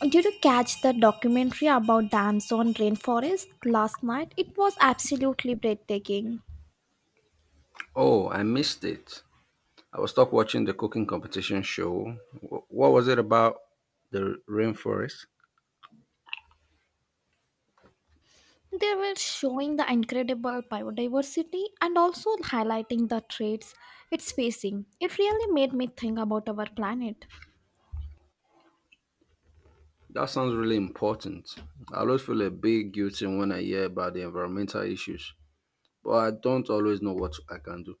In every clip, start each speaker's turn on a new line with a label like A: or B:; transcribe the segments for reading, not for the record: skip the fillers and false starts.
A: Did you catch the documentary about the Amazon rainforest last night? It was absolutely breathtaking.
B: Oh, I missed it. I was stuck watching the cooking competition show. What was it about the rainforest?
A: They were showing the incredible biodiversity and also highlighting the threats it's facing. It really made me think about our planet.
B: That sounds really important. I always feel a bit guilty when I hear about the environmental issues, but I don't always know what I can do.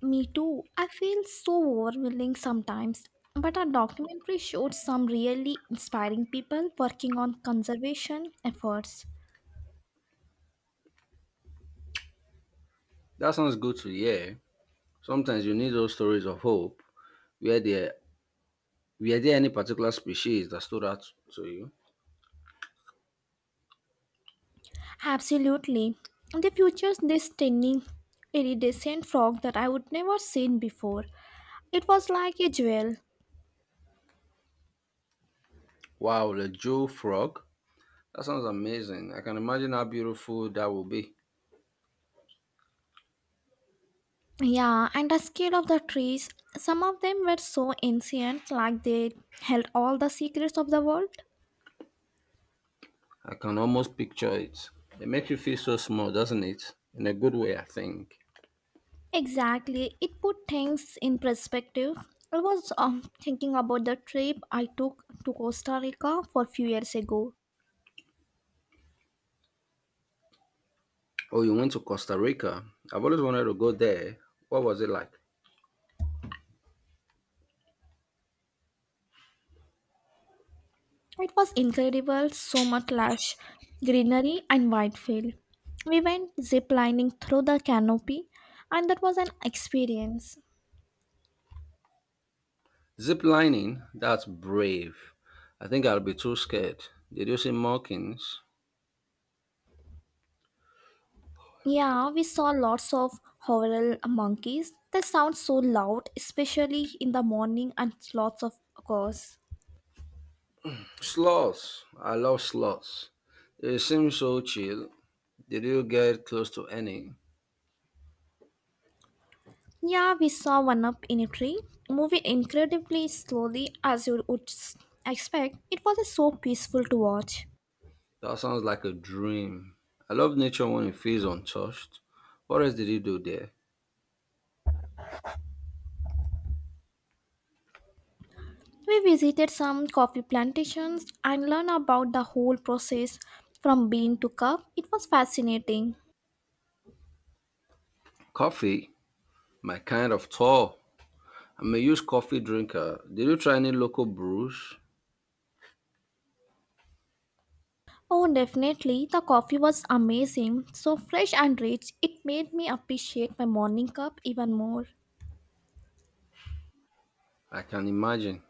A: Me too. I feel so overwhelming sometimes, but our documentary showed some really inspiring people working on conservation efforts.
B: That sounds good to hear. Sometimes you need those stories of hope. Were there were there any particular species that stood out to you?
A: Absolutely. They features this tiny, iridescent frog that I would never seen before. It was like a jewel.
B: Wow, the Joe frog. That sounds amazing. I can imagine how beautiful that will be.
A: Yeah, and the scale of the trees. Some of them were so ancient, like they held all the secrets of the world.
B: I can almost picture it. It makes you feel so small, doesn't it? In a good way, I think.
A: Exactly. It put things in perspective. I was thinking about the trip I took to Costa Rica for a few years ago.
B: Oh, you went to Costa Rica. I've always wanted to go there. What was it like?
A: It was incredible, so much lush greenery and white field. We went zip lining through the canopy, and that was an experience.
B: Zip lining? That's brave. I think I'll be too scared. Did you see monkeys?
A: Yeah, we saw lots of horror monkeys. They sound so loud, especially in the morning, and lots of course.
B: Sloths. I love sloths. They seem so chill. Did you get close to any?
A: Yeah, we saw one up in a tree, moving incredibly slowly as you would expect. It was so peaceful to watch.
B: That sounds like a dream. I love nature when it feels untouched. What else did you do there?
A: We visited some coffee plantations and learned about the whole process from bean to cup. It was fascinating.
B: Coffee? My kind of tall. I'm a used coffee drinker. Did you try any local brews?
A: Oh, definitely. The coffee was amazing. So fresh and rich. It made me appreciate my morning cup even more.
B: I can imagine.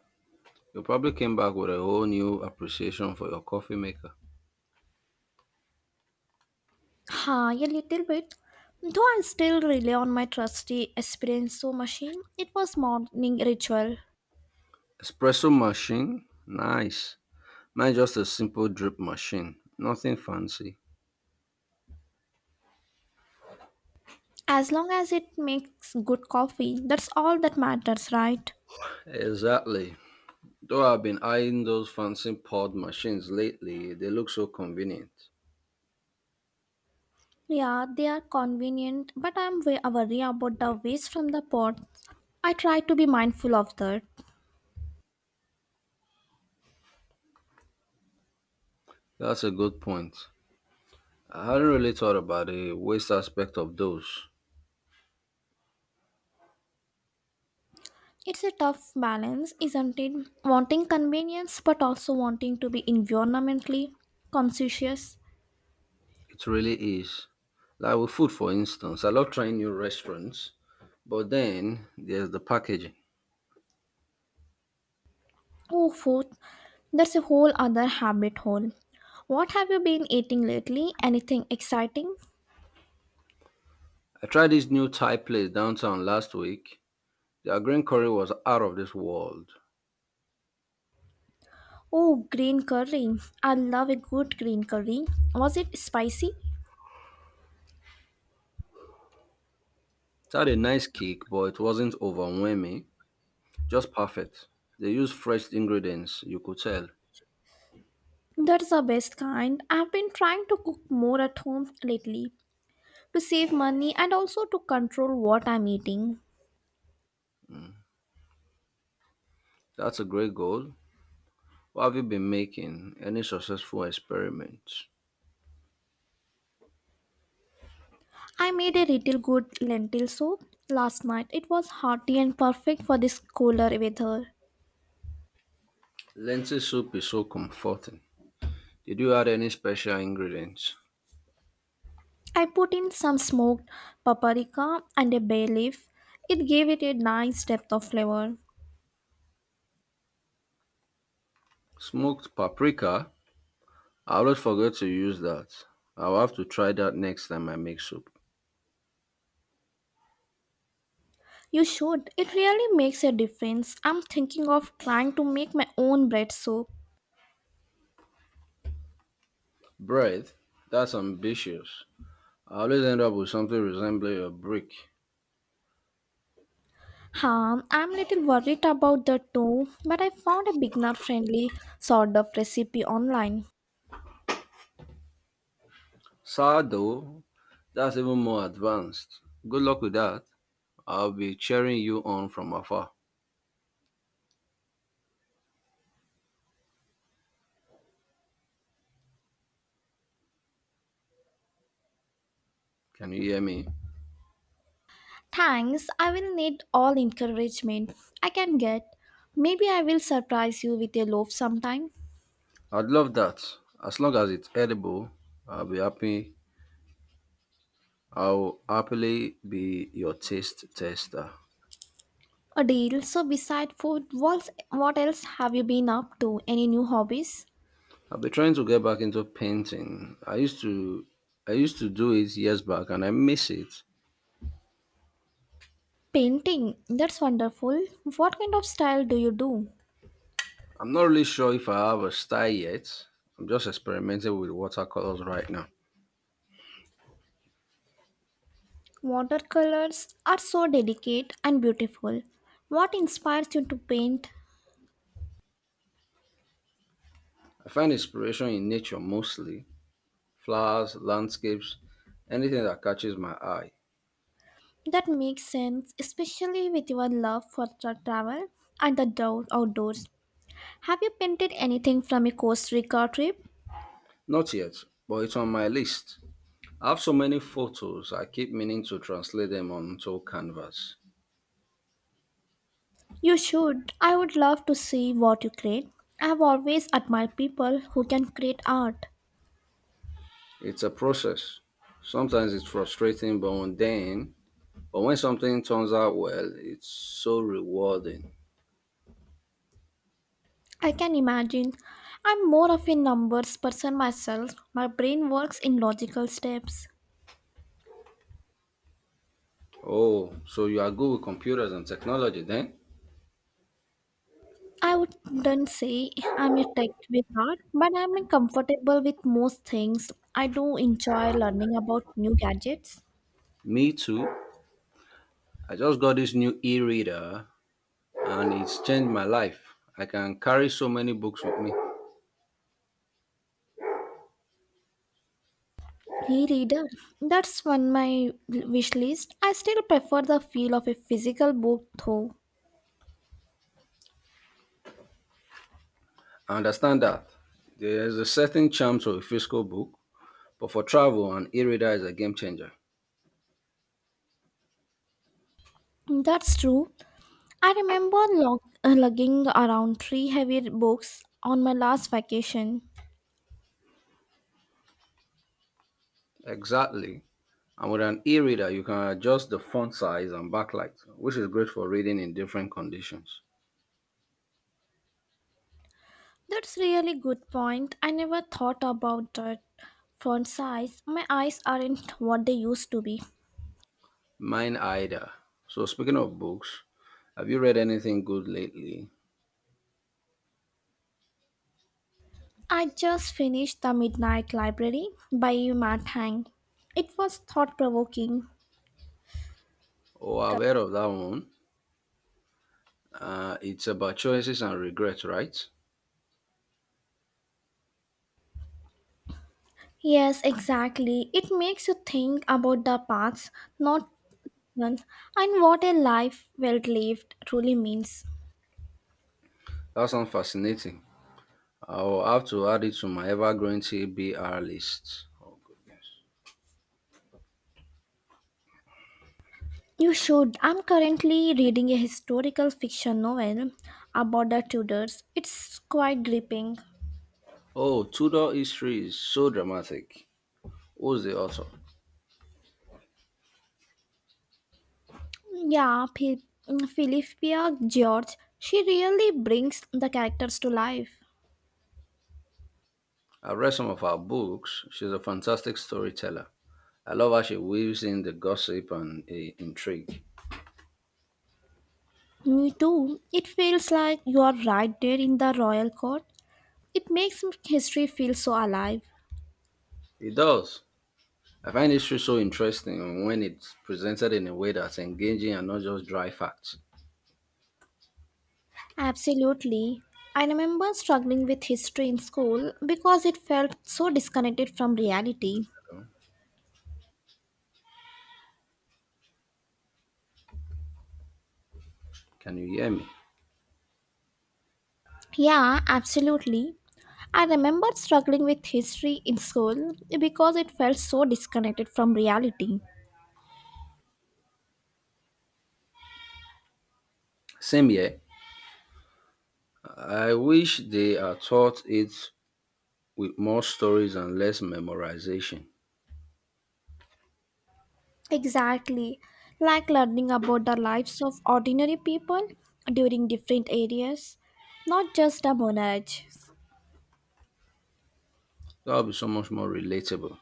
B: You probably came back with a whole new appreciation for your coffee maker.
A: Ha, a little bit. Though I still rely on my trusty espresso machine, it was morning ritual.
B: Espresso machine? Nice. Mine just a simple drip machine. Nothing fancy.
A: As long as it makes good coffee, that's all that matters, right?
B: Exactly. Though I've been eyeing those fancy pod machines lately, they look so convenient.
A: Yeah, they are convenient, but worried about the waste from the pots. I try to be mindful of that.
B: That's a good point. I hadn't really thought about the waste aspect of those.
A: It's a tough balance, isn't it? Wanting convenience, but also wanting to be environmentally conscious.
B: It really is. Like with food, for instance, I love trying new restaurants, but then there's the packaging.
A: Oh, food, that's a whole other habit hole. What have you been eating lately? Anything exciting?
B: I tried this new Thai place downtown last week. Their green curry was out of this world.
A: Oh, green curry. I love a good green curry. Was it spicy?
B: It had a nice kick, but it wasn't overwhelming, just perfect. They used fresh ingredients, you could tell.
A: That's the best kind. I've been trying to cook more at home lately, to save money and also to control what I'm eating.
B: That's a great goal. What have you been making? Any successful experiments?
A: I made a little good lentil soup last night. It was hearty and perfect for this cooler weather.
B: Lentil soup is so comforting. Did you add any special ingredients?
A: I put in some smoked paprika and a bay leaf. It gave it a nice depth of flavor.
B: Smoked paprika I always forget to use that. I'll have to try that next time I make soup.
A: You should. It really makes a difference. I'm thinking of trying to make my own bread soup.
B: Bread? That's ambitious. I always end up with something resembling a brick.
A: Huh, I'm a little worried about the dough, but I found a beginner friendly sort of recipe online.
B: Sourdough? That's even more advanced. Good luck with that. I'll be cheering you on from afar. Can you hear me?
A: Thanks, I will need all encouragement I can get. Maybe I will surprise you with a loaf sometime.
B: I'd love that. As long as it's edible, I'll be happy. I'll happily be your taste tester.
A: A deal. So, beside food, what else have you been up to? Any new hobbies?
B: I've been trying to get back into painting. I used to do it years back and I miss it.
A: Painting. That's wonderful. What kind of style do you do?
B: I'm not really sure if I have a style yet. I'm just experimenting with watercolors right now.
A: Watercolors are so delicate and beautiful. What inspires you to paint?
B: I find inspiration in nature mostly. Flowers, landscapes, anything that catches my eye.
A: That makes sense, especially with your love for travel and the outdoors. Have you painted anything from a Costa Rica trip?
B: Not yet, but it's on my list. I have so many photos, I keep meaning to translate them onto canvas.
A: You should. I would love to see what you create. I have always admired people who can create art.
B: It's a process. Sometimes it's frustrating, but when something turns out well, it's so rewarding.
A: I can imagine. I'm more of a numbers person myself. My brain works in logical steps.
B: Oh, so you are good with computers and technology then?
A: I wouldn't say I'm a tech with art, but I'm comfortable with most things. I do enjoy learning about new gadgets.
B: Me too. I just got this new e reader and it's changed my life. I can carry so many books with me.
A: E reader, that's one my wish list. I still prefer the feel of a physical book though.
B: I understand that. There's a certain charm to a physical book, but for travel, an e reader is a game changer.
A: That's true. I remember lugging around three heavy books on my last vacation.
B: Exactly. And with an e reader, you can adjust the font size and backlight, which is great for reading in different conditions.
A: That's really good point. I never thought about that font size. My eyes aren't what they used to be.
B: Mine either. So speaking of books, have you read anything good lately?
A: I just finished The Midnight Library by Matt Hang. It was thought provoking.
B: Oh, I've heard of that one. It's about choices and regrets, right?
A: Yes, exactly. It makes you think about the past, not and what a life well lived truly means.
B: That sounds fascinating. I'll have to add it to my ever-growing TBR list. Oh goodness.
A: You should. I'm currently reading a historical fiction novel about the Tudors. It's quite gripping.
B: Oh, Tudor history is so dramatic. Who's the author?
A: Yeah, Philippia George. She really brings the characters to life.
B: I've read some of her books. She's a fantastic storyteller. I love how she weaves in the gossip and the intrigue.
A: Me too. It feels like you are right there in the royal court. It makes history feel so alive.
B: It does. I find history so interesting when it's presented in a way that's engaging and not just dry facts.
A: Absolutely. I remember struggling with history in school because it felt so disconnected from reality.
B: Hello? Can you hear me?
A: Yeah, absolutely. I remember struggling with history in school because it felt so disconnected from reality.
B: Same here. I wish they are taught it with more stories and less memorization.
A: Exactly, like learning about the lives of ordinary people during different areas, not just the monarch.
B: That would be so much more relatable.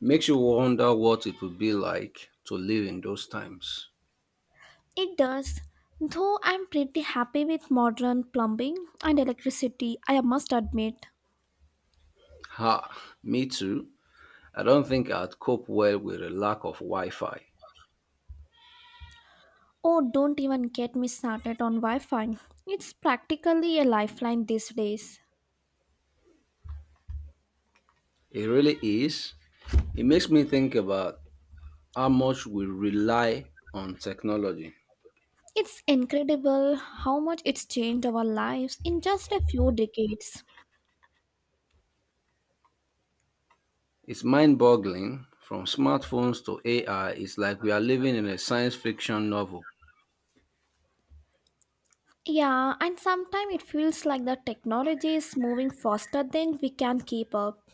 B: Makes you wonder what it would be like to live in those times.
A: It does, though I'm pretty happy with modern plumbing and electricity, I must admit.
B: Ha, me too. I don't think I'd cope well with a lack of Wi Fi.
A: Oh, don't even get me started on Wi Fi. It's practically a lifeline these days.
B: It really is. It makes me think about how much we rely on technology.
A: It's incredible how much it's changed our lives in just a few decades.
B: It's mind boggling. From smartphones to AI, it's like we are living in a science fiction novel.
A: Yeah, and sometimes it feels like the technology is moving faster than we can keep up.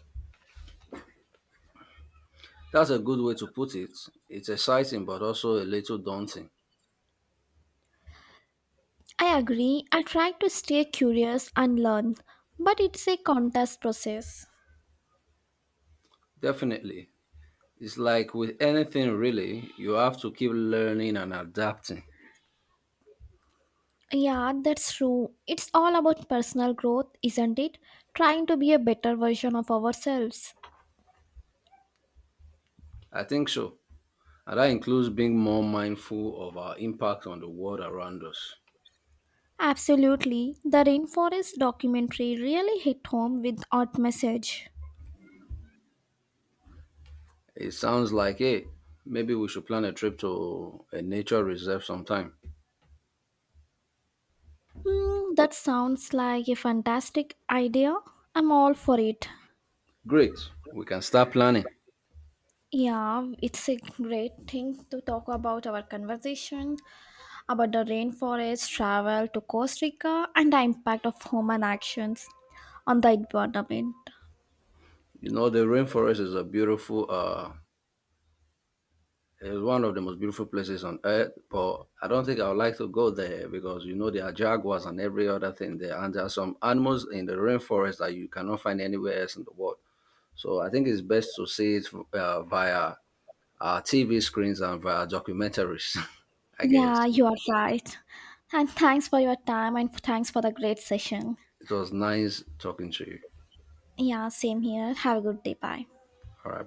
B: That's a good way to put it. It's exciting, but also a little daunting.
A: I agree, I try to stay curious and learn, but it's a contest process.
B: Definitely. It's like with anything, really, you have to keep learning and adapting.
A: Yeah, that's true. It's all about personal growth, isn't it? Trying to be a better version of ourselves.
B: I think so. And that includes being more mindful of our impact on the world around us.
A: Absolutely. The Rainforest documentary really hit home with art message.
B: It sounds like, hey, maybe we should plan a trip to a nature reserve sometime.
A: Hmm, that sounds like a fantastic idea. I'm all for it.
B: Great. We can start planning.
A: Yeah, it's a great thing to talk about our conversation about the rainforest travel to Costa Rica and the impact of human actions on the environment.
B: You know, the rainforest is a beautiful, is one of the most beautiful places on earth. But I don't think I would like to go there because you know there are jaguars and every other thing there, and there are some animals in the rainforest that you cannot find anywhere else in the world. So I think it's best to see it via TV screens and via documentaries. I
A: Yeah,
B: guess
A: you are right. And thanks for your time and thanks for the great session.
B: it was nice talking to you.
A: Yeah, same here. Have a good day. Bye.
B: All right.